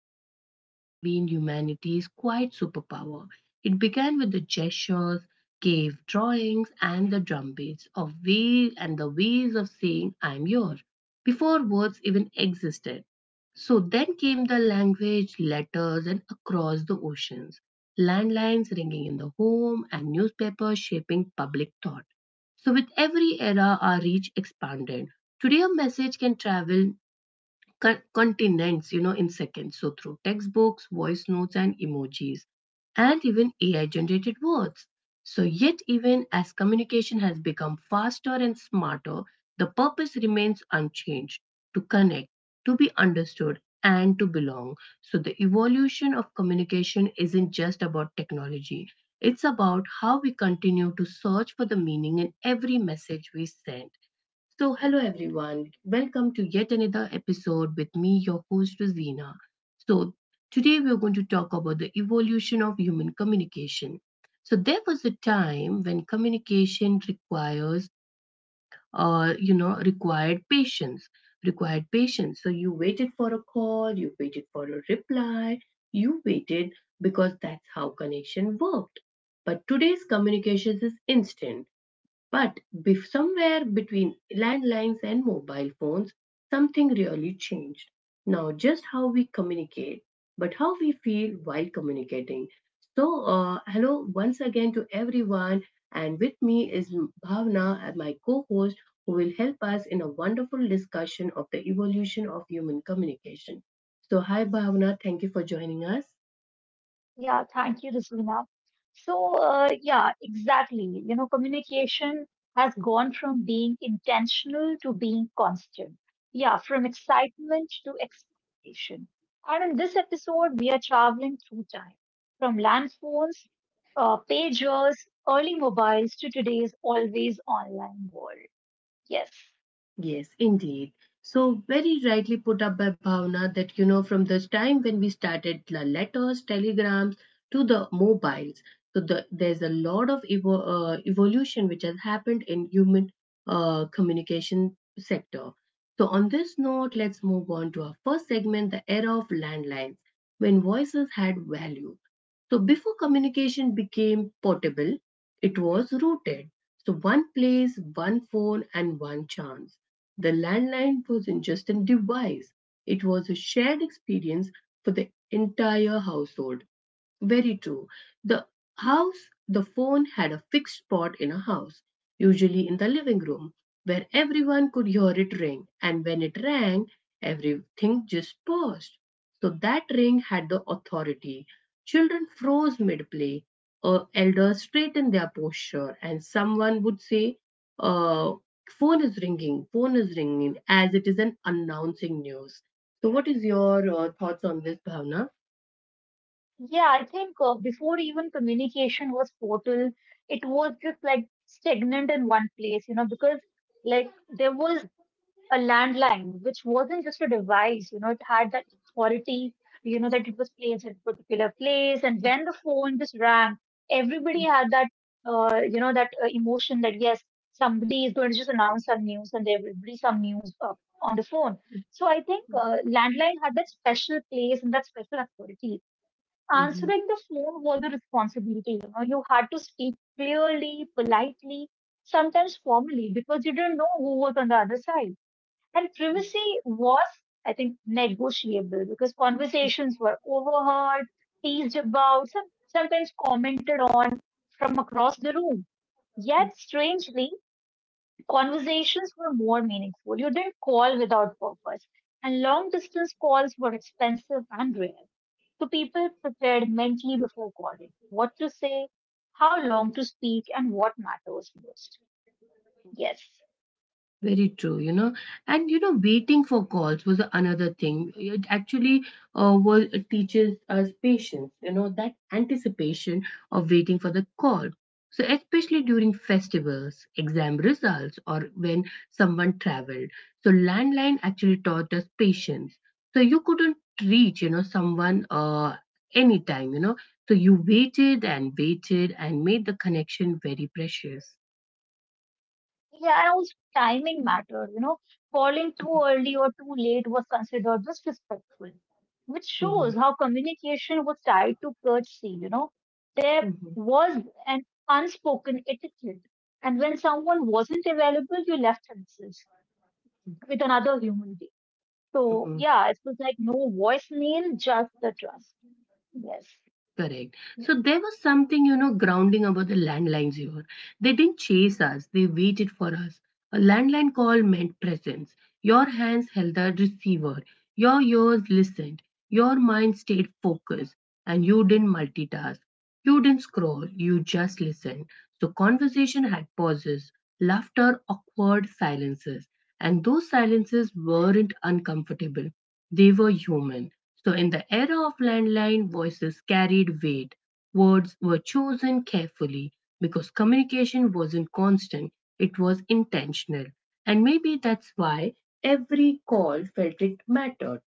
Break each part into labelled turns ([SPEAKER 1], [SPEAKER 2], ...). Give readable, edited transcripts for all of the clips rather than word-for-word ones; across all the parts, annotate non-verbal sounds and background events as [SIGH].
[SPEAKER 1] has always been humanity's quiet superpower. It began with the gestures, cave drawings, and the drumbeats of ways and the ways of saying I'm yours before words even existed. So then came the language, letters, and across the oceans, landlines ringing in the home, and newspapers shaping public thought. So, with every era, our reach expanded. Today, a message can travel continents, in seconds. So through textbooks, voice notes, and emojis, and even AI-generated words. So yet even as communication has become faster and smarter, the purpose remains unchanged: to connect, to be understood, and to belong. So the evolution of communication isn't just about technology. It's about how we continue to search for the meaning in every message we send so, hello everyone. Welcome to yet another episode with me, your host, Rosina. So, today we are going to talk about the evolution of human communication. So, there was a time when communication requires, required patience. Required patience. So, you waited for a call, you waited for a reply, you waited because that's how connection worked. But today's communications is instant but somewhere between landlines and mobile phones, something really changed. Now, just how we communicate, but how we feel while communicating. So, hello once again to everyone. And with me is Bhavna, my co host, who will help us in a wonderful discussion of the evolution of human communication. So, hi Bhavna, thank you for joining us.
[SPEAKER 2] Yeah, thank you, Rizvina. So yeah, exactly. You know, communication has gone from being intentional to being constant. Yeah, from excitement to expectation. And in this episode, we are traveling through time from land phones, pagers, early mobiles to today's always online world. Yes.
[SPEAKER 1] Yes, indeed. So, very rightly put up by Bhavna that, you know, from the time when we started the letters, telegrams to the mobiles, so there's a lot of evolution which has happened in human communication sector. So, on this note, let's move on to our first segment, the era of landlines, when voices had value. So, before communication became portable, it was rooted. So one place, one phone, and one chance. The landline wasn't just a device, it was a shared experience for the entire household. Very true. The house, the phone had a fixed spot in a house, usually in the living room, where everyone could hear it ring. And when it rang, everything just paused. So that ring had the authority. Children froze mid play, elders straightened their posture, and someone would say, uh, phone is ringing, phone is ringing, as it is an announcing news. So, what is your thoughts on this, Bhavna?
[SPEAKER 2] Yeah, I think before even communication was portal, it was just like stagnant in one place, you know, because like there was a landline, which wasn't just a device, you know, it had that authority, you know, that it was placed at a particular place. And when the phone just rang, everybody had that, you know, that emotion that yes, somebody is going to just announce some news and there will be some news on the phone. So I think landline had that special place and that special authority
[SPEAKER 1] Mhm.
[SPEAKER 2] answering the phone was a responsibility. You know, you had to speak clearly, politely, sometimes formally, because you didn't know who was on the other side. And privacy was, I think, negotiable because conversations were overheard, teased about, sometimes commented on from across the room. Yet, strangely, conversations were more meaningful. You didn't call without purpose. And long distance calls were expensive and rare. So people prepared mentally before calling what to say, how long to speak, and what matters most. Yes.
[SPEAKER 1] Very true, you know. And you know, waiting for calls was another thing. It actually it teaches us patience, you know, that anticipation of waiting for the call. So, especially during festivals, exam results, or when someone traveled. So, landline actually taught us patience. So, you couldn't reach, you know, someone anytime, you know. So, you waited and waited and made the connection very precious.
[SPEAKER 2] Yeah, and also timing mattered. You know, calling too early or too late was considered disrespectful, which
[SPEAKER 1] Mhm,
[SPEAKER 2] shows how communication was tied to courtesy. You know, there
[SPEAKER 1] mhm.
[SPEAKER 2] was an unspoken etiquette, and when someone wasn't available, you left a message with another human being. So
[SPEAKER 1] Mhm,
[SPEAKER 2] yeah, it was like no voicemail, just the trust. Yes.
[SPEAKER 1] Correct.
[SPEAKER 2] Y-
[SPEAKER 1] So there was something, you know, grounding about the landlines here. They didn't chase us, they waited for us. A landline call meant presence. Your hands held the receiver, your ears listened, your mind stayed focused, and you didn't multitask. You didn't scroll, you just listened. So, conversation had pauses, laughter, awkward silences. And those silences weren't uncomfortable, they were human. So, in the era of landline, voices carried weight. Words were chosen carefully because communication wasn't constant, it was intentional. And maybe that's why every call felt it mattered.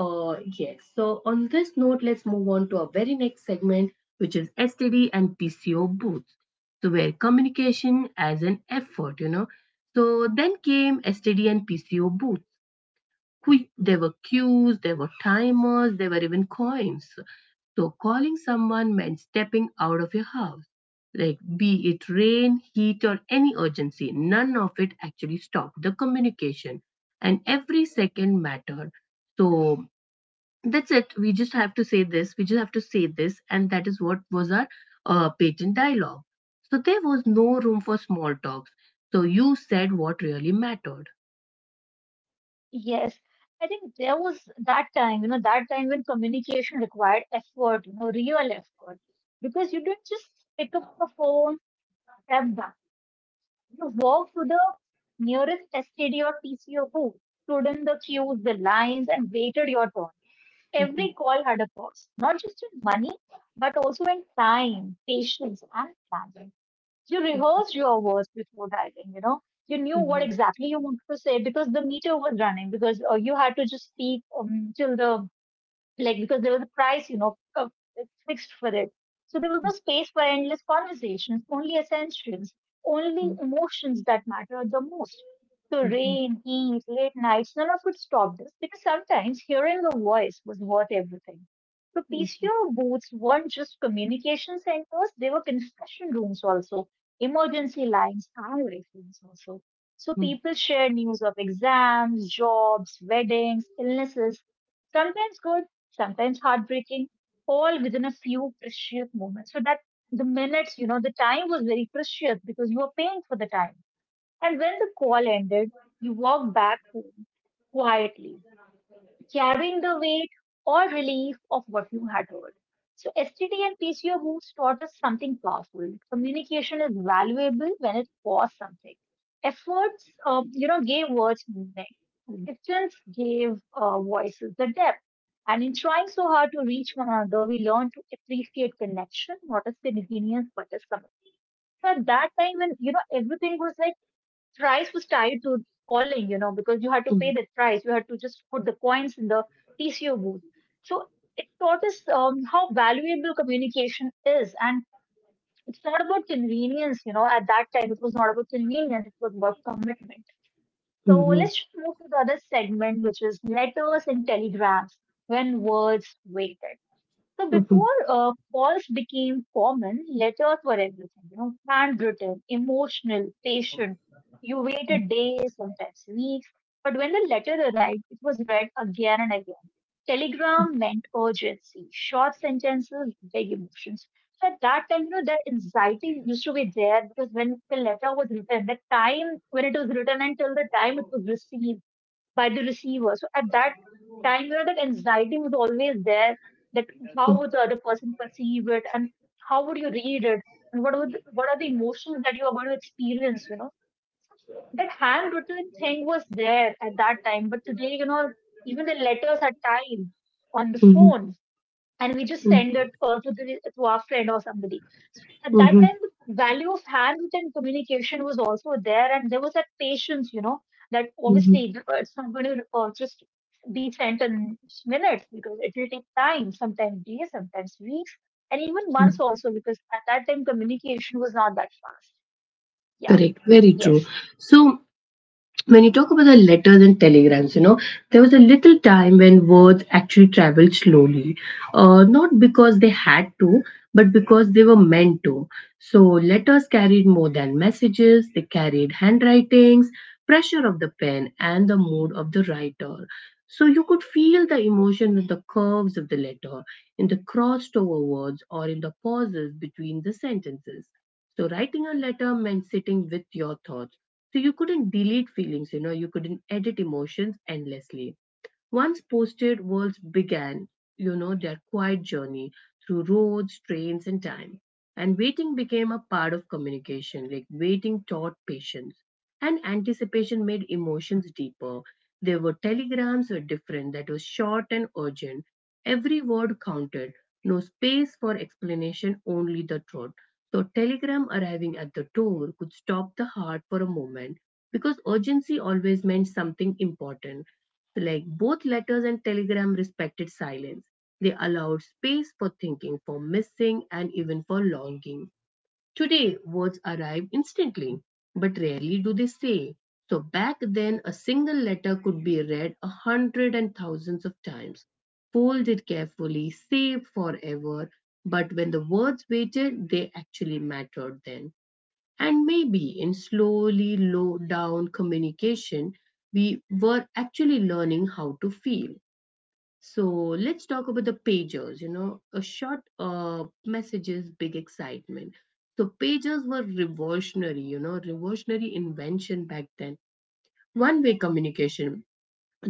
[SPEAKER 1] Yes, so on this note, let's move on to our very next segment, which is STD and PCO booths. So, where communication as an effort, you know. So, then came STD and PCO booths. There were cues, there were timers, there were even coins. So calling someone meant stepping out of your house. Like, be it rain, heat, or any urgency, none of it actually stopped the communication. And every second mattered. So that's it. We just have to say this. And that is what was our patent dialogue. So there was no room for small talks. So you said what really mattered.
[SPEAKER 2] Yes, I think there was that time, you know, that time when communication required effort, you know, real effort, because you didn't just pick up the phone, step back, you know, walk to the nearest STD or TCO booth, stood in the queues, the lines, and waited your turn.
[SPEAKER 1] Mm-hmm.
[SPEAKER 2] Every call had a cost, not just in money, but also in time, patience, and planning. You rehearsed your words before typing, you know. You knew what
[SPEAKER 1] Mm-hmm.
[SPEAKER 2] exactly you wanted to say because the meter was running because you had to just speak till the like because there was a price, you know, fixed for it. So there was no space for endless conversations, only essentials, only
[SPEAKER 1] Mm-hmm.
[SPEAKER 2] emotions that mattered the most. So
[SPEAKER 1] Mhm,
[SPEAKER 2] rain, heat, late nights, none of it stopped us because sometimes hearing a voice was worth everything. So
[SPEAKER 1] mhm,
[SPEAKER 2] PCO booths weren't just communication centers, they were confession rooms also, emergency lines, highway rooms also. So
[SPEAKER 1] mhm,
[SPEAKER 2] people share news of exams, jobs, weddings, illnesses, sometimes good, sometimes heartbreaking, all within a few precious moments. So that the minutes, you know, the time was very precious because you were paying for the time. And when the call ended, you walked back home quietly, carrying the weight or relief of what you had heard. So STD and PCO moves taught us something powerful. Communication is valuable when it costs something. Efforts, you know, gave words meaning. Distance gave voices the depth. And in trying so hard to reach one another, we learned to appreciate connection, not as convenience, but as something. So at that time, when you know everything was like price was tied to calling, you know, because you had to pay
[SPEAKER 1] mhm,
[SPEAKER 2] that price, you had to just put the coins in the TCO booth. So it taught us how valuable communication is, and it's not about convenience, you know. At that time, it was not about convenience; it was about commitment. So
[SPEAKER 1] mhm,
[SPEAKER 2] let's move to the other segment, which is letters and telegrams when words waited. So
[SPEAKER 1] mhm,
[SPEAKER 2] before calls became common, letters were everything, you know, handwritten, emotional, patient. You waited days, sometimes weeks. But when the letter arrived, it was read again and again. Telegram meant urgency, short sentences, big emotions. So at that time, you know, that anxiety used to be there because when the letter was written, the time when it was written until the time it was received, by the receiver. So at that time, you know, that anxiety was always there. That how would the other person perceive it, and how would you read it, and what are the emotions that you are going to experience? You know, that handwritten thing was there at that time, but today, you know, even the letters are typed on the
[SPEAKER 1] mhm,
[SPEAKER 2] phone and we just
[SPEAKER 1] mhm,
[SPEAKER 2] send it to the to our friend or somebody. So at that time,
[SPEAKER 1] mhm,
[SPEAKER 2] the value of handwritten communication was also there, and there was that patience, you know, that
[SPEAKER 1] mhm,
[SPEAKER 2] obviously it's not going to just be sent in minutes because it will take time, sometimes days, sometimes weeks, and even months
[SPEAKER 1] mhm.
[SPEAKER 2] also because at that time communication was not that fast. Yeah.
[SPEAKER 1] Correct, very
[SPEAKER 2] Yes.
[SPEAKER 1] true. So, when you talk about the letters and telegrams, you know, there was a little time when words actually traveled slowly, not because they had to, but because they were meant to. So letters carried more than messages, they carried handwritings, pressure of the pen, and the mood of the writer. So you could feel the emotion in the curves of the letter, in the crossed over words, or in the pauses between the sentences. So writing a letter meant sitting with your thoughts so you couldn't delete feelings, you know, you couldn't edit emotions endlessly. Once posted, worlds began, you know, their quiet journey through roads, trains, and time. And waiting became a part of communication, like waiting taught patience. And anticipation made emotions deeper. There were telegrams were different, that was short and urgent. Every word counted, no space for explanation, only the truth. So telegram arriving at the door could stop the heart for a moment because urgency always meant something important like both letters and telegram respected silence. They allowed space for thinking, for missing, and even for longing. Today, words arrive instantly, but rarely do they say. So back then, a single letter could be read a hundred and thousands of times, folded carefully, saved forever. But when the words waited, they actually mattered then. And maybe in slowly low down communication, we were actually learning how to feel. So let's talk about the pagers, you know, a short messages, big excitement. So pagers were revolutionary, you know, revolutionary invention back then. One way communication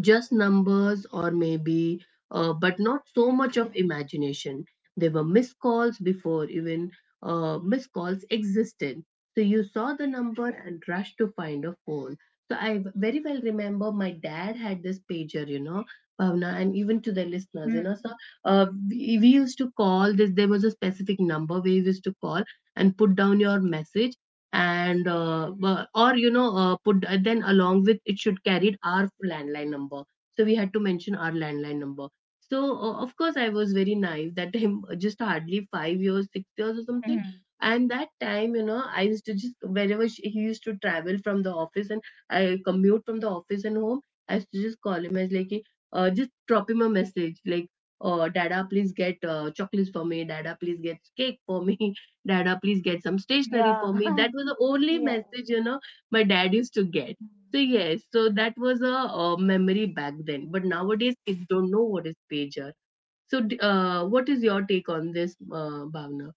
[SPEAKER 1] just numbers or maybe but not so much of imagination there were missed calls before even missed calls existed so you saw the number and rushed to find a phone so I very well remember my dad had this pager, you know, Bhavna, and even to the listeners you
[SPEAKER 2] Mm-hmm.
[SPEAKER 1] know so we used to call this there was a specific number we used to call and put down your message and bu- or you know put then along with it should carried our landline number so we had to mention our landline number so of course I was very naive that time [LAUGHS] just hardly 5 years 6 years or something and that time, you know, I used to just wherever he used to travel from the office and I commute from the office and home I used to just call him as like a- just drop him a message like oh dada please get chocolates for me dada please get cake for me dada, please get some stationery
[SPEAKER 2] Yeah.
[SPEAKER 1] for me.
[SPEAKER 2] [LAUGHS]
[SPEAKER 1] That was the only
[SPEAKER 2] yeah.
[SPEAKER 1] message, you know, my dad used to get. So,
[SPEAKER 2] Mm.
[SPEAKER 1] yes, so that was a, memory back then. But nowadays, kids don't know what is pager. So, what is your take on this, Bhavna?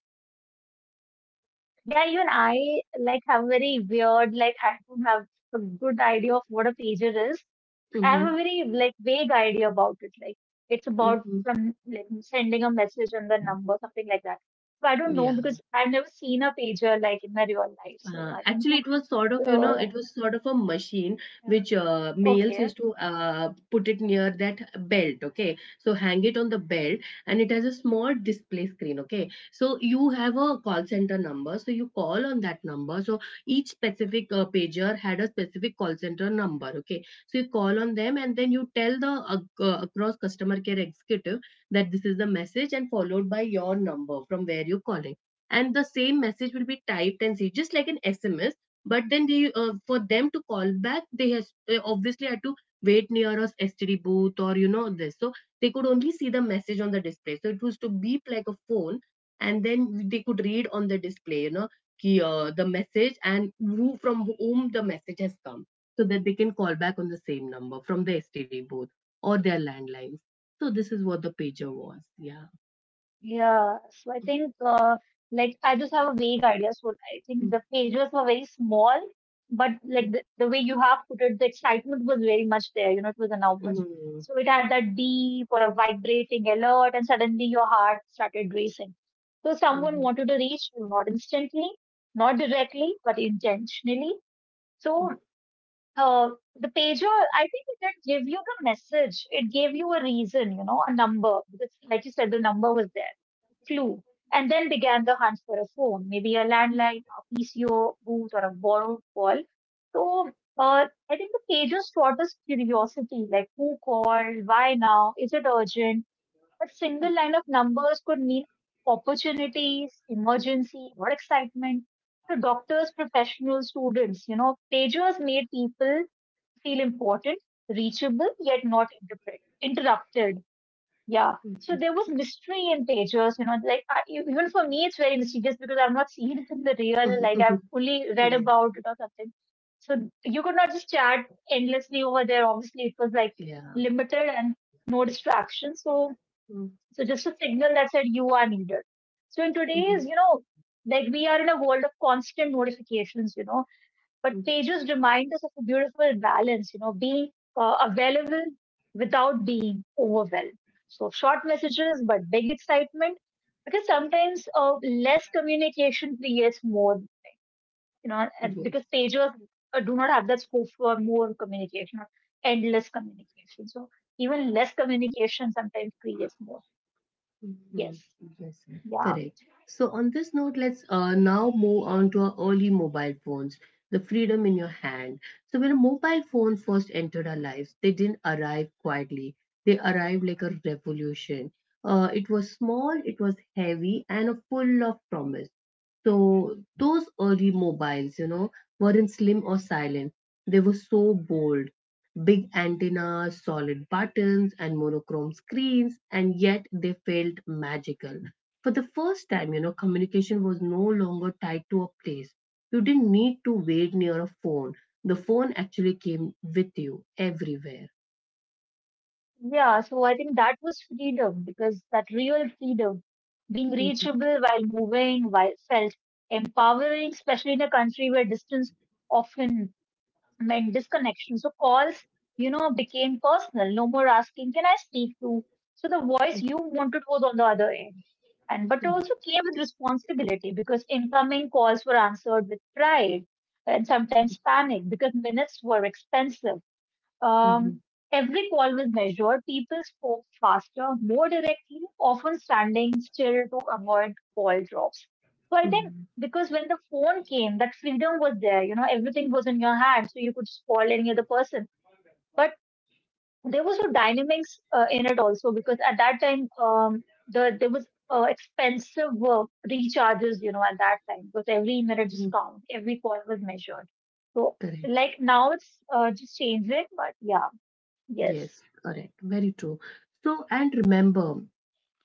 [SPEAKER 2] Yeah, even I like have very weird, like I don't have a good idea of what a pager is. I have
[SPEAKER 1] Mm-hmm.
[SPEAKER 2] a very like vague idea about it. Like it's about
[SPEAKER 1] Mm-hmm.
[SPEAKER 2] from like sending a message and the number, something like that. So I don't know
[SPEAKER 1] Yeah.
[SPEAKER 2] because I've never seen a pager like in my real life. So I don't
[SPEAKER 1] Actually,
[SPEAKER 2] know.
[SPEAKER 1] it
[SPEAKER 2] [LAUGHS]
[SPEAKER 1] was sort of, you
[SPEAKER 2] So
[SPEAKER 1] know, it
[SPEAKER 2] yeah,
[SPEAKER 1] was sort of a machine
[SPEAKER 2] yeah.
[SPEAKER 1] which males
[SPEAKER 2] Okay.
[SPEAKER 1] used to put it near that belt, okay? So hang it on the belt and it has a small display screen, okay? So you have a call center number, so you call on that number. So each specific pager had a specific call center number, okay? So you call on them and then you tell the across customer care executive that this is the message and followed by your number from where you call it and the same message will be typed and see just like an SMS but then they for them to call back they obviously had to wait near a STD booth or you know this so they could only see the message on the display so it was to beep like a phone and then they could read on the display you know ki, the message and who from whom the message has come so that they can call back on the same number from the STD booth or their landlines so this is what the pager was yeah
[SPEAKER 2] Yeah, so I think like I just have a vague idea. So I think the
[SPEAKER 1] mm-hmm.
[SPEAKER 2] pages were very small, but like the way you have put it, the excitement was very much there. You know, it was enormous.
[SPEAKER 1] Mm-hmm.
[SPEAKER 2] So it had that deep or a vibrating alert, and suddenly your heart started racing. So
[SPEAKER 1] Mm-hmm.
[SPEAKER 2] someone
[SPEAKER 1] Mm-hmm.
[SPEAKER 2] wanted to reach you, not instantly, not directly, but intentionally. So the pager, I think it didn't give you the message. It gave you a reason, you know, a number. Because, like you said, the number was there clue, and then began the hunt for a phone, maybe a landline, a PCO booth, or a borrowed call. So I think the pages taught us curiosity, like who called, why now, is it urgent? A single line of numbers could mean opportunities, emergency, or excitement. So doctors, professionals, students, you know, pagers made people feel important, reachable, yet not interrupt- interrupted. Yeah. So
[SPEAKER 1] Mhm.
[SPEAKER 2] there was mystery in pages, you know, even for me, it's very mysterious because I've not seen it in the real,
[SPEAKER 1] Mhm.
[SPEAKER 2] like I've
[SPEAKER 1] [LAUGHS]
[SPEAKER 2] only read
[SPEAKER 1] Yes.
[SPEAKER 2] about it or something. So you could not just chat endlessly over there. Obviously, it was like
[SPEAKER 1] Yeah.
[SPEAKER 2] limited and no distraction.
[SPEAKER 1] Mm-hmm.
[SPEAKER 2] So just a signal that said you are needed. So in today's, you know, like we are in a world of constant notifications, you know, but
[SPEAKER 1] Yes.
[SPEAKER 2] pages remind us of a beautiful balance, you know, being available without being overwhelmed. So short messages, but big excitement, because sometimes less communication creates more, you know, and because pages do not have that scope for more communication or endless communication. So even less communication sometimes creates more.
[SPEAKER 1] Mm-hmm.
[SPEAKER 2] Yes.
[SPEAKER 1] Yes. Mm.
[SPEAKER 2] Yeah.
[SPEAKER 1] Correct. So on this note, let's now move on to our early mobile phones, the freedom in your hand. So when a mobile phone first entered our lives, they didn't arrive quietly. They arrived like a revolution. It was small, it was heavy, and full of promise. So those early mobiles, you know, weren't slim or silent. They were so bold. Big antennas, solid buttons, and monochrome screens, and yet they felt magical. For the first time, you know, communication was no longer tied to a place. You didn't need to wait near a phone. The phone actually came with you everywhere.
[SPEAKER 2] Yeah, so I think that was freedom because that real freedom, being
[SPEAKER 1] Mhm,
[SPEAKER 2] reachable while moving, while felt empowering, especially in a country where distance often meant disconnection. So calls, you know, became personal. No more asking, can I speak to? So the voice you wanted was on the other end. And but it
[SPEAKER 1] mhm,
[SPEAKER 2] also came with responsibility because incoming calls were answered with pride and sometimes panic because minutes were expensive
[SPEAKER 1] mhm,
[SPEAKER 2] um, every call was measured. People spoke faster, more directly, often standing still to avoid call drops. So I think
[SPEAKER 1] mhm,
[SPEAKER 2] because when the phone came, that freedom was there. You know, everything was in your hands, so you could just call any other person. But there was no dynamics in it also because at that time, there was expensive recharges. You know, at that time because every minute just
[SPEAKER 1] mhm.
[SPEAKER 2] count, every call was measured. So
[SPEAKER 1] Correct.
[SPEAKER 2] like now it's just changing, but yeah. Yes.
[SPEAKER 1] Yes, correct. Very true. So, and remember,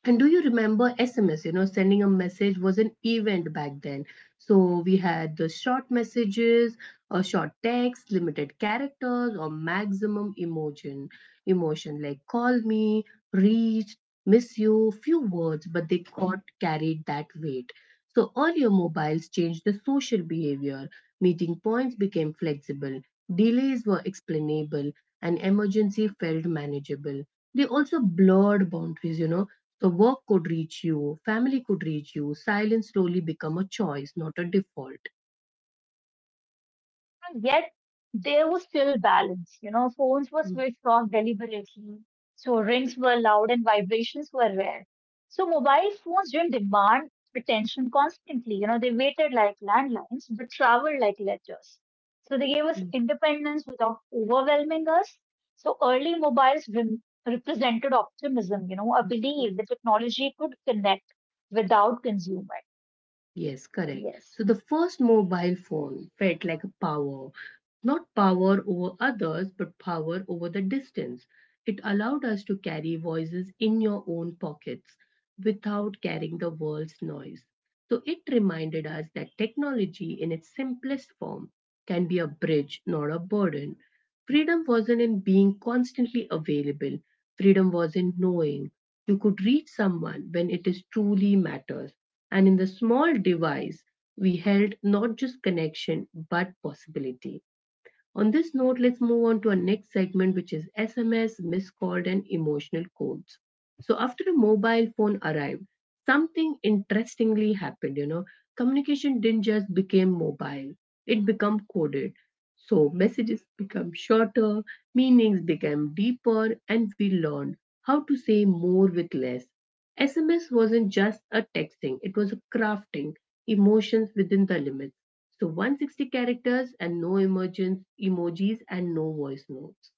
[SPEAKER 1] And Do you remember SMS? You know, sending a message was an event back then. So we had the short messages, a short text, limited characters, or maximum emotion. Emotion like call me, reach, miss you, few words, but they got carried that weight. So earlier mobiles changed the social behavior. Meeting points became flexible, delays were explainable, and emergency felt manageable. They also blurred boundaries, you know, so work could reach you, family could reach you. Silence slowly become a choice, not a default.
[SPEAKER 2] And yet there was still balance. You know, phones were
[SPEAKER 1] Mm,
[SPEAKER 2] switched off deliberately. So rings were loud and vibrations were rare. So mobile phones didn't demand attention constantly. You know, they waited like landlines, but traveled like letters. So they gave us
[SPEAKER 1] mm,
[SPEAKER 2] independence without overwhelming us. So early mobiles rem represented optimism, you know, a
[SPEAKER 1] mm.
[SPEAKER 2] belief that technology could connect without consumer.
[SPEAKER 1] Yes, correct. So
[SPEAKER 2] Yes.
[SPEAKER 1] the first mobile phone felt like a power. Not power over others, but power over the distance. It allowed us to carry voices in your own pockets without carrying the world's noise. So it reminded us that technology, in its simplest form, can be a bridge, not a burden. Freedom wasn't in being constantly available, freedom was in knowing you could reach someone when it is truly matters. And in the small device, we held not just connection but possibility. On this note, let's move on to our next segment, which is SMS, missed called, and emotional codes. So after a mobile phone arrived, something interestingly happened. You know, communication didn't just become mobile; it became coded. So messages become shorter, meanings became deeper, and we learned how to say more with less. SMS wasn't just a texting; it was a crafting emotions within the limits. So 160 characters and no emojis, emojis and no voice notes.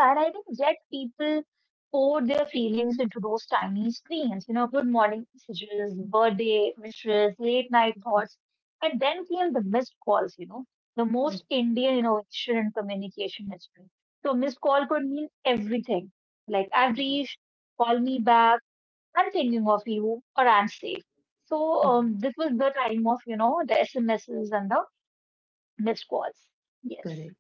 [SPEAKER 2] Yeah, and I think yet people pour their feelings into those tiny screens, you know, good morning messages, birthday wishes, late night thoughts, and then came the missed calls, you know, the most Indian innovation in communication history. So missed call could mean everything, like I've reached, call me back, I'm thinking of you, or I'm safe. So this was the time of, you know, the SMSs and the missed calls. Yes.
[SPEAKER 1] Correct.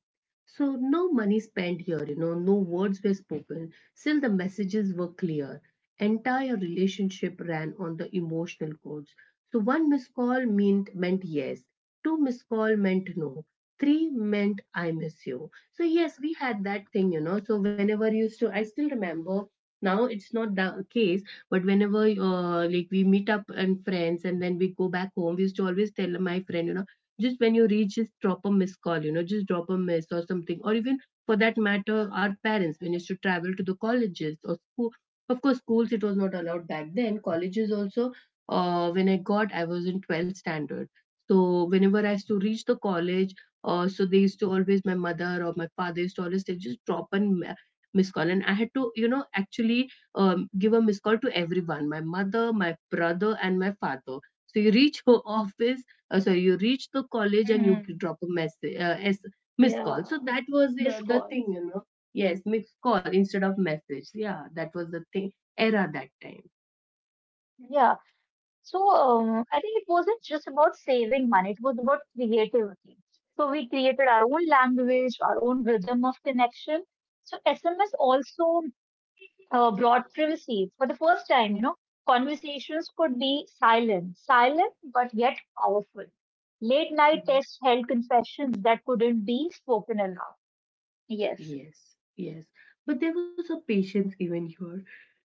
[SPEAKER 1] So no money spent here, you know, no words were spoken. Still, the messages were clear. Entire relationship ran on the emotional codes. So one missed call meant yes. Two missed call meant no. Three meant I miss you. So yes, we had that thing, you know. So whenever you used to, I still remember. Now it's not the case, but whenever like we meet up and friends, and then we go back home, we used to always tell my friend, you know, just when you reach just drop a missed call, you know, just drop a miss or something. Or even for that matter, our parents when used to travel to the colleges or school, of course schools it was not allowed back then, colleges also, when I was in 12th standard, so whenever I used to reach the college, so they used to always, my mother or my father used to always say just drop a miss call, and I had to, you know, actually give a miss call to everyone, my mother, my brother, and my father. So you reach her [LAUGHS] office, sorry, you reach the college and you
[SPEAKER 2] Mhm.
[SPEAKER 1] drop a message as missed call,
[SPEAKER 2] Yeah,
[SPEAKER 1] so that was the
[SPEAKER 2] missed
[SPEAKER 1] other
[SPEAKER 2] call.
[SPEAKER 1] thing, you know. Yes, missed call instead of message, yeah, that was the thing era that time.
[SPEAKER 2] Yeah. So I think it wasn't just about saving money, it was about creativity. So we created our own language, our own rhythm of connection. So SMS also brought privacy for the first time, you know, conversations could be silent but yet powerful. Late night
[SPEAKER 1] Mhm.
[SPEAKER 2] texts held confessions that couldn't be spoken aloud. Yes,
[SPEAKER 1] Yes, yes, but there was a patience even here.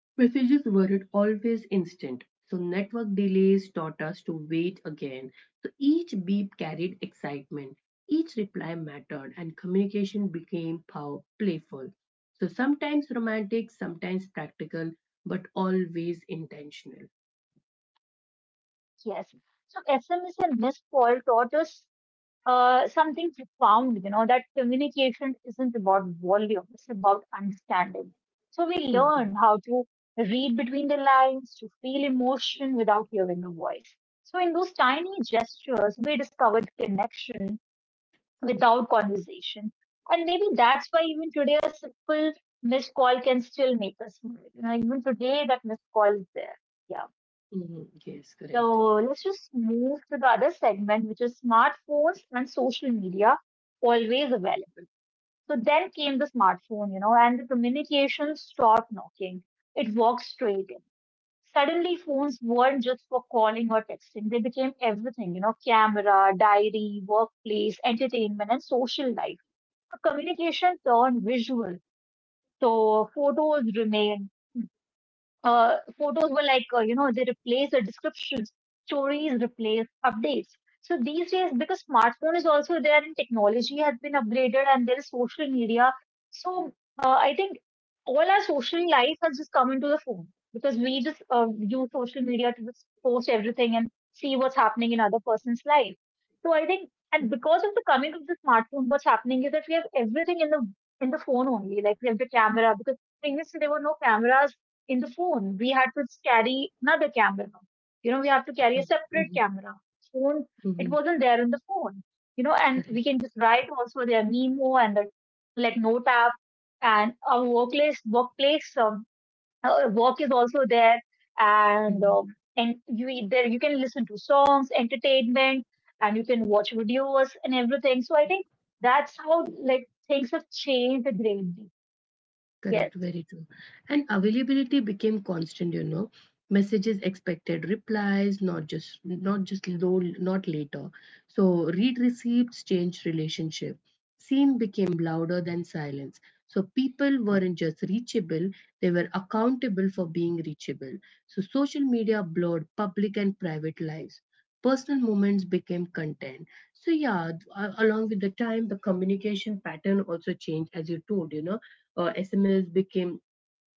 [SPEAKER 1] Messages weren't always instant, so network delays taught us to wait again. So each beep carried excitement, each reply mattered, and communication became playful. So sometimes romantic, sometimes practical, but always intentional.
[SPEAKER 2] yes. So SMS and missed call taught us something profound, you know, that communication isn't about volume, it's about understanding. So we
[SPEAKER 1] Mhm,
[SPEAKER 2] learn how to read between the lines, to feel emotion without hearing a voice. So in those tiny gestures, we discovered connection without conversation. And maybe that's why even today a simple missed call can still make us smile. You know, even today that missed call is there. Yeah.
[SPEAKER 1] mhm, yes,
[SPEAKER 2] So
[SPEAKER 1] correct.
[SPEAKER 2] let's just move to the other segment, which is smartphones and social media, always available. So then came the smartphone, you know, and the communication stopped knocking. It walked straight in. Suddenly, phones weren't just for calling or texting. They became everything, you know, camera, diary, workplace, entertainment, and social life. So communication turned visual. So photos were like you know, they replace the descriptions, stories replace updates. So these days, because smartphone is also there and technology has been upgraded and there is social media, so I think all our social life has just come into the phone, because we just use social media to just post everything and see what's happening in other person's life. So I think, and because of the coming of the smartphone, what's happening is that we have everything in the phone only, like we have the camera, because previously there were no cameras in the phone, we had to carry another camera. You know, we have to carry
[SPEAKER 1] Mhm,
[SPEAKER 2] a separate
[SPEAKER 1] mhm,
[SPEAKER 2] camera. Phone, it
[SPEAKER 1] mhm,
[SPEAKER 2] wasn't there in the phone. You know, and
[SPEAKER 1] correct.
[SPEAKER 2] we can just write also their Nemo and the like note app, and our workplace, work is also there, and
[SPEAKER 1] Mhm.
[SPEAKER 2] um, and you, there you can listen to songs, entertainment, and you can watch videos and everything. So I think that's how, like, things have changed greatly.
[SPEAKER 1] Correct,
[SPEAKER 2] Yes.
[SPEAKER 1] very true. And availability became constant, you know. Messages expected replies, not just not just though not later. So read receipts changed relationship. Seen became louder than silence. So people weren't just reachable, they were accountable for being reachable. So social media blurred public and private lives. Personal moments became content. So yeah, along with the time, the communication pattern also changed, as you told, you know, SMS became,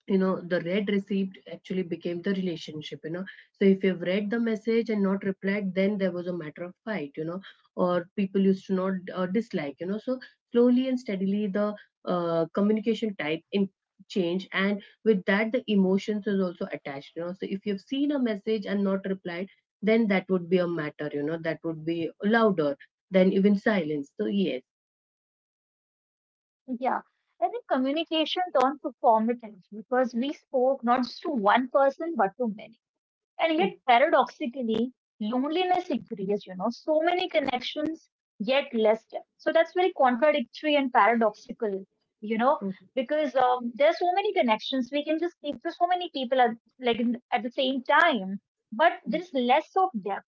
[SPEAKER 1] you know, the read received actually became the relationship, you know. So if you've read the message and not replied, then there was a matter of fight, you know, or people used to not dislike, you know. So slowly and steadily, the communication type in change, and with that the emotions is also attached, you know. So if you've seen a message and not replied, then that would be a matter, you know, that would be louder than even silence, so yes.
[SPEAKER 2] Yeah, I think communication turned performative because we spoke not just to one person but to many. And yet, paradoxically, loneliness increased, you know, so many connections, yet less depth. So that's very contradictory and paradoxical, you know,
[SPEAKER 1] Mhm,
[SPEAKER 2] because there are so many connections. We can just speak to so many people like at the same time, but
[SPEAKER 1] mhm,
[SPEAKER 2] there's less of depth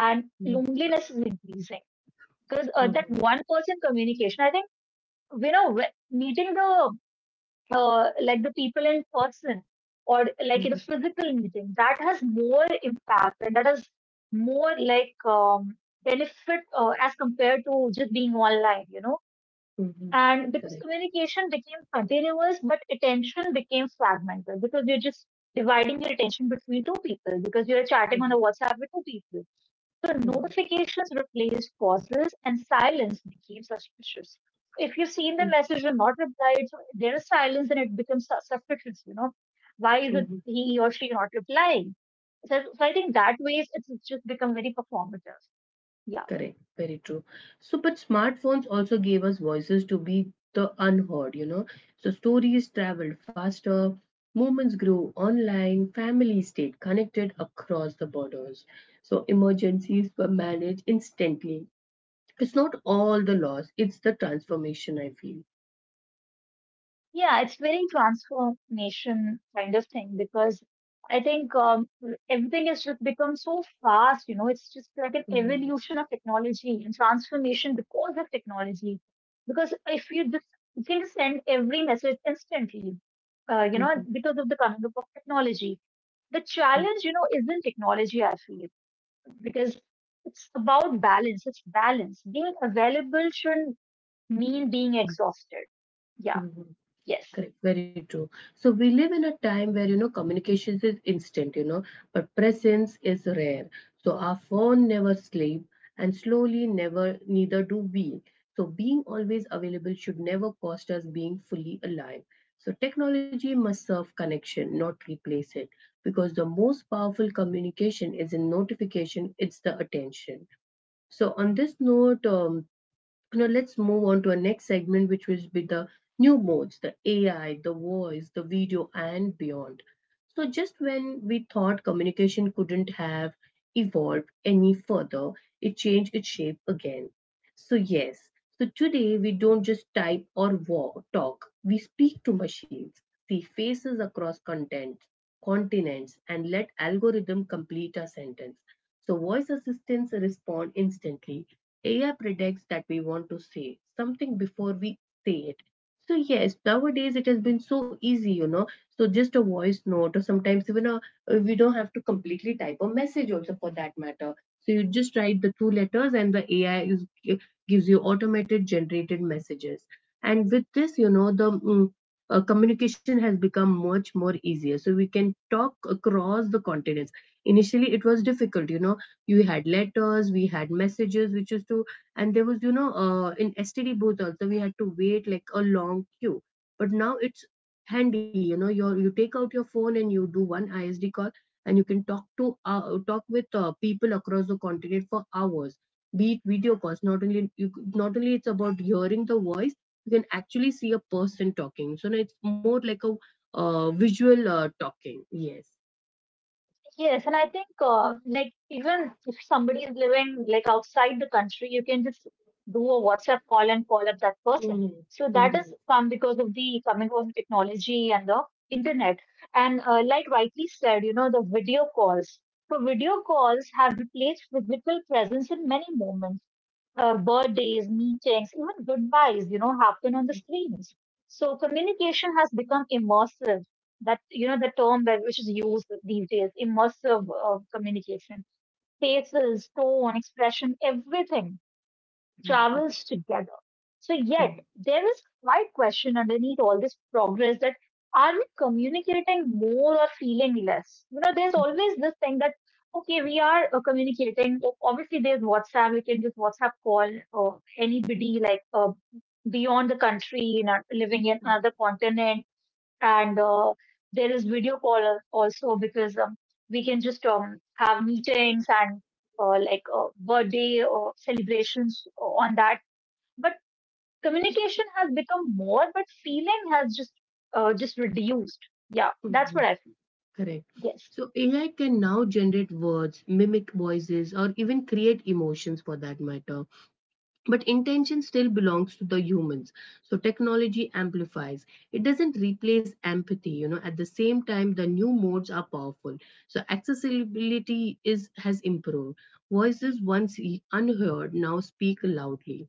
[SPEAKER 2] and
[SPEAKER 1] mhm,
[SPEAKER 2] loneliness is increasing because
[SPEAKER 1] mhm, mhm,
[SPEAKER 2] that one person communication, I think, you know, meeting the like the people in person or
[SPEAKER 1] mhm.
[SPEAKER 2] like in a physical meeting, that has more impact and that has more like benefit as compared to just being online, you know.
[SPEAKER 1] Mm-hmm.
[SPEAKER 2] And because
[SPEAKER 1] Correct.
[SPEAKER 2] communication became continuous but attention became fragmented, because you're just dividing your attention between two people, because you're
[SPEAKER 1] Mm-hmm.
[SPEAKER 2] chatting on a WhatsApp with two people. So notifications replaced pauses and silence became suspicious. If you've seen the
[SPEAKER 1] Mm-hmm.
[SPEAKER 2] message and not replied, so there is silence and it becomes suspicious, you know. Why is
[SPEAKER 1] Hmm.
[SPEAKER 2] it he or she not replying? So I think that way it's just become very performative. Yeah.
[SPEAKER 1] Correct. Very true. So, but smartphones also gave us voices to be the unheard, you know. So stories traveled faster, movements grew online, families stayed connected across the borders. So emergencies were managed instantly. It's not all the loss, it's the transformation, I feel.
[SPEAKER 2] Yeah, it's very transformation kind of thing because I think everything has just become so fast. You know, it's just like an
[SPEAKER 1] Mm-hmm.
[SPEAKER 2] evolution of technology and transformation because of technology. Because if you just, you can just send every message instantly, you know,
[SPEAKER 1] Mm-hmm.
[SPEAKER 2] because of the coming up of technology. The
[SPEAKER 1] Mm-hmm.
[SPEAKER 2] challenge, you know, isn't technology, I feel, because it's about balance. It's balance. Being available shouldn't mean being exhausted. Yeah,
[SPEAKER 1] Mm-hmm.
[SPEAKER 2] yes.
[SPEAKER 1] Correct, very true. So we live in a time where, you know, communications is instant, you know, but presence is rare. So our phone never sleep, and slowly never neither do we. So being always available should never cost us being fully alive. So technology must serve connection, not replace it, because the most powerful communication is in notification. It's the attention. So on this note, now let's move on to our next segment, which will be the new modes, the AI, the voice, the video, and beyond. So just when we thought communication couldn't have evolved any further, it changed its shape again. So yes, so today we don't just type or walk, talk. We speak to machines, see faces across content, continents, and let algorithm complete our sentence. So voice assistants respond instantly. AI predicts that we want to say something before we say it. So yes, nowadays it has been so easy, you know. So just a voice note, or sometimes even a we don't have to completely type a message also for that matter. So you just write the two letters, and the AI is, gives you automated generated messages. And with this, you know, the communication has become much more easier. So we can talk across the continents. Initially, it was difficult, you know, you had letters, we had messages which used to, and there was, you know, in STD booth also we had to wait like a long queue, but now it's handy, you know. You take out your phone and you do one ISD call, and you can talk to talk with people across the continent for hours, be it video calls. Not only you, not only it's about hearing the voice, you can actually see a person talking. So now it's more like a visual talking, yes.
[SPEAKER 2] Yes, and I think like even if somebody is living like outside the country, you can just do a WhatsApp call and call up that person.
[SPEAKER 1] Mhm.
[SPEAKER 2] So that is
[SPEAKER 1] Mhm.
[SPEAKER 2] come because of the coming of technology and the internet. And like rightly said, you know, the video calls. So video calls have replaced physical presence in many moments, birthdays, meetings, even goodbyes, you know, happen on the screens. So communication has become immersive. That, you know, the term that which is used these days, immersive communication. Faces, tone, expression, everything
[SPEAKER 1] Mhm.
[SPEAKER 2] travels together. So yet there is quite question underneath all this progress that are we communicating more or feeling less? You know, there's
[SPEAKER 1] Mhm.
[SPEAKER 2] always this thing that okay, we are communicating. Obviously, there's WhatsApp. We can just WhatsApp call anybody, like beyond the country, in our, living in another
[SPEAKER 1] [LAUGHS]
[SPEAKER 2] continent, and there is video call also, because we can just have meetings and like birthday or celebrations on that, but communication has become more but feeling has just reduced. Yeah, that's what
[SPEAKER 1] Mhm,
[SPEAKER 2] I feel.
[SPEAKER 1] correct.
[SPEAKER 2] Yes.
[SPEAKER 1] So AI can now generate words, mimic voices, or even create emotions for that matter. But intention still belongs to the humans. So technology amplifies. It doesn't replace empathy, you know. At the same time, the new modes are powerful. So accessibility is has improved. Voices once unheard now speak loudly.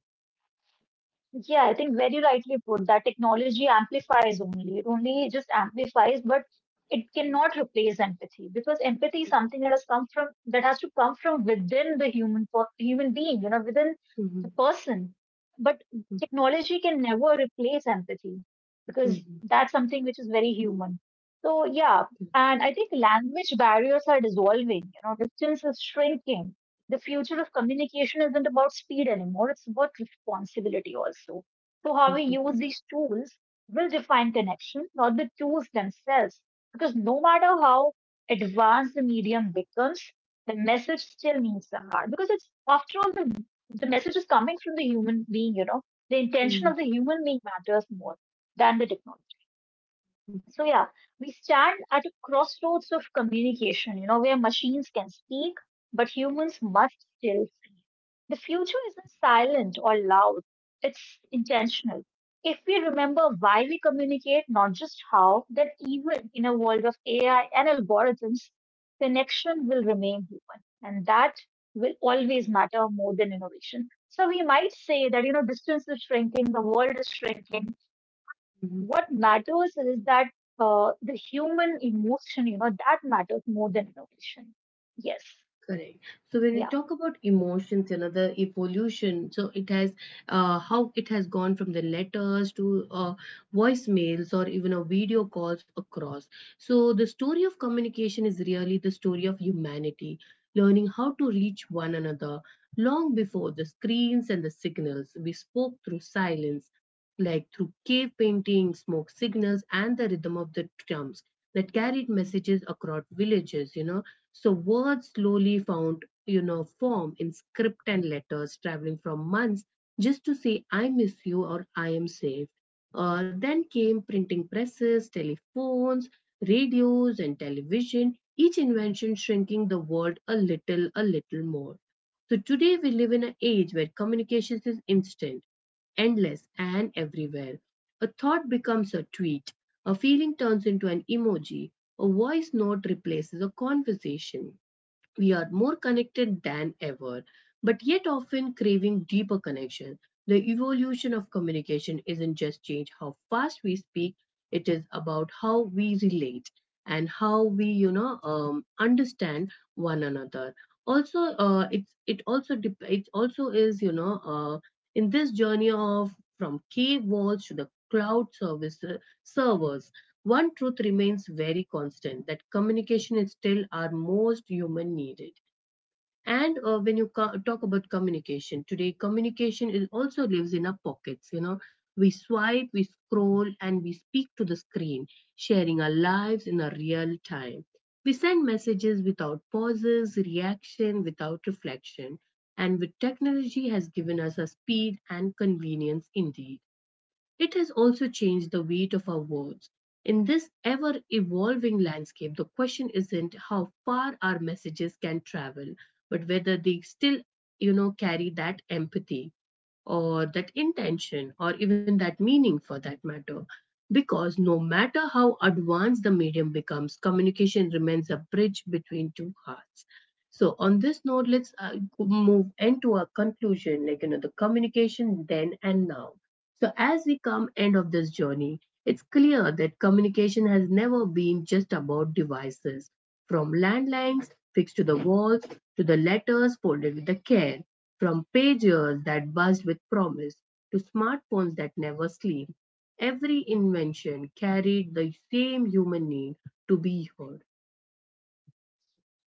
[SPEAKER 2] Yeah, I think very rightly put that technology amplifies only. It only just amplifies, but it cannot replace empathy, because empathy is something that has come from, that has to come from within the human human being, you know, within the
[SPEAKER 1] Mhm,
[SPEAKER 2] person. But
[SPEAKER 1] mhm,
[SPEAKER 2] technology can never replace empathy because
[SPEAKER 1] mhm,
[SPEAKER 2] that's something which is very human. So yeah, and I think language barriers are dissolving, you know, distance is shrinking, the future of communication isn't about speed anymore, it's about responsibility also. So how we
[SPEAKER 1] mhm,
[SPEAKER 2] use these tools will define connection, not the tools themselves. Because no matter how advanced the medium becomes, the message still needs the heart. Because it's, after all, the message is coming from the human being, you know, the intention
[SPEAKER 1] mhm,
[SPEAKER 2] of the human being matters more than the technology.
[SPEAKER 1] mhm,
[SPEAKER 2] So yeah, we stand at a crossroads of communication, you know, where machines can speak, but humans must still feel. The future isn't silent or loud, it's intentional. If we remember why we communicate, not just how, then even in a world of AI and algorithms, connection will remain human. And that will always matter more than innovation. So we might say that, you know, distance is shrinking, the world is shrinking,
[SPEAKER 1] mhm.
[SPEAKER 2] what matters is that the human emotion, you know, that matters more than innovation. Yes.
[SPEAKER 1] Correct. So when we
[SPEAKER 2] Yeah.
[SPEAKER 1] talk about emotions, another evolution. So it has, how it has gone from the letters to voicemails or even a video calls across. So the story of communication is really the story of humanity, learning how to reach one another long before the screens and the signals. We spoke through silence, like through cave painting, smoke signals, and the rhythm of the drums that carried messages across villages, you know. So words slowly found, you know, form in script, and letters traveling from months just to say I miss you or I am safe. Then came printing presses, telephones, radios and television, each invention shrinking the world a little more. So today we live in an age where communication is instant, endless and everywhere. A thought becomes a tweet, a feeling turns into an emoji, a voice note replaces a conversation. We are more connected than ever, but yet often craving deeper connection. The evolution of communication isn't just change how fast we speak, it is about how we relate and how we, you know, understand one another. Also, it also is, you know, in this journey of from cave walls to the cloud service servers, one truth remains very constant, that communication is still our most human needed. And when you talk about communication today, communication is also lives in our pockets, you know. We swipe, we scroll, and we speak to the screen, sharing our lives in a real time. We send messages without pauses, reaction, without reflection. And with technology has given us a speed and convenience indeed, it has also changed the weight of our words. In this ever evolving landscape, the question isn't how far our messages can travel, but whether they still, you know, carry that empathy or that intention or even that meaning for that matter. Because no matter how advanced the medium becomes, communication remains a bridge between two hearts. So on this note, let's move into our conclusion, like, you know, the communication then and now. So as we come end of this journey, it's clear that communication has never been just about devices, from landlines fixed to the walls to the letters folded with the care, from pagers that buzzed with promise to smartphones that never sleep. Every invention carried the same human need to be heard.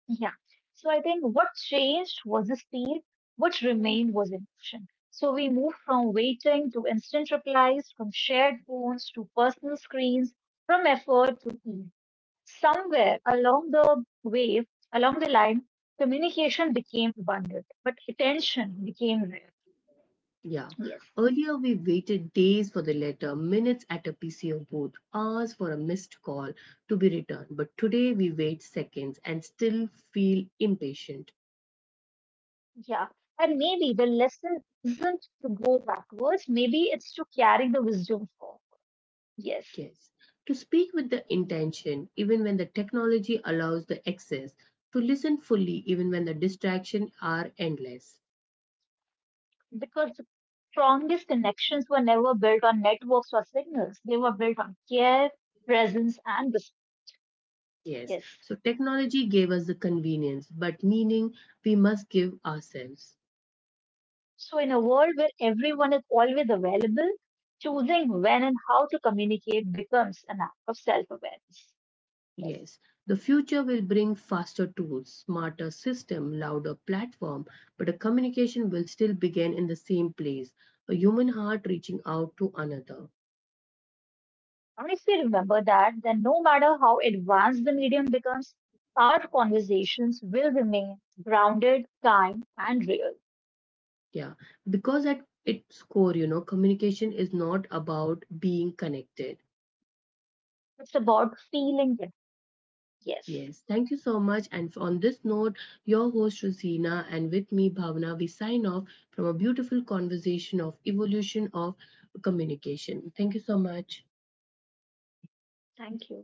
[SPEAKER 2] Yeah. So I think what changed was the speed, what remained was emotion. So we moved from waiting to instant replies, from shared phones to personal screens, from effort to ease. Somewhere along the way, along the line, communication became abundant, but attention became rare.
[SPEAKER 1] Yeah.
[SPEAKER 2] Yes.
[SPEAKER 1] Earlier, we waited days for the letter, minutes at a PCO booth, hours for a missed call to be returned. But today, we wait seconds and still feel impatient.
[SPEAKER 2] Yeah. And maybe the lesson isn't to go backwards, maybe it's to carry the wisdom forward. Yes.
[SPEAKER 1] Yes. To speak with the intention, even when the technology allows the access, to listen fully, even when the distractions are endless.
[SPEAKER 2] Because the strongest connections were never built on networks or signals, they were built on care, presence, and respect.
[SPEAKER 1] Yes.
[SPEAKER 2] Yes.
[SPEAKER 1] So technology gave us the convenience, but meaning we must give ourselves.
[SPEAKER 2] So in a world where everyone is always available, choosing when and how to communicate becomes an act of self awareness. Yes.
[SPEAKER 1] Yes, the future will bring faster tools, smarter system, louder platform, but a communication will still begin in the same place, a human heart reaching out to another.
[SPEAKER 2] Honestly, remember that, that no matter how advanced the medium becomes, our conversations will remain grounded, kind, and real.
[SPEAKER 1] Yeah, because at its core, you know, communication is not about being connected.
[SPEAKER 2] It's about feeling it. Yes.
[SPEAKER 1] Yes, thank you so much. And on this note, your host Rosina and with me Bhavana, we sign off from a beautiful conversation of evolution of communication. Thank you so much.
[SPEAKER 2] Thank you.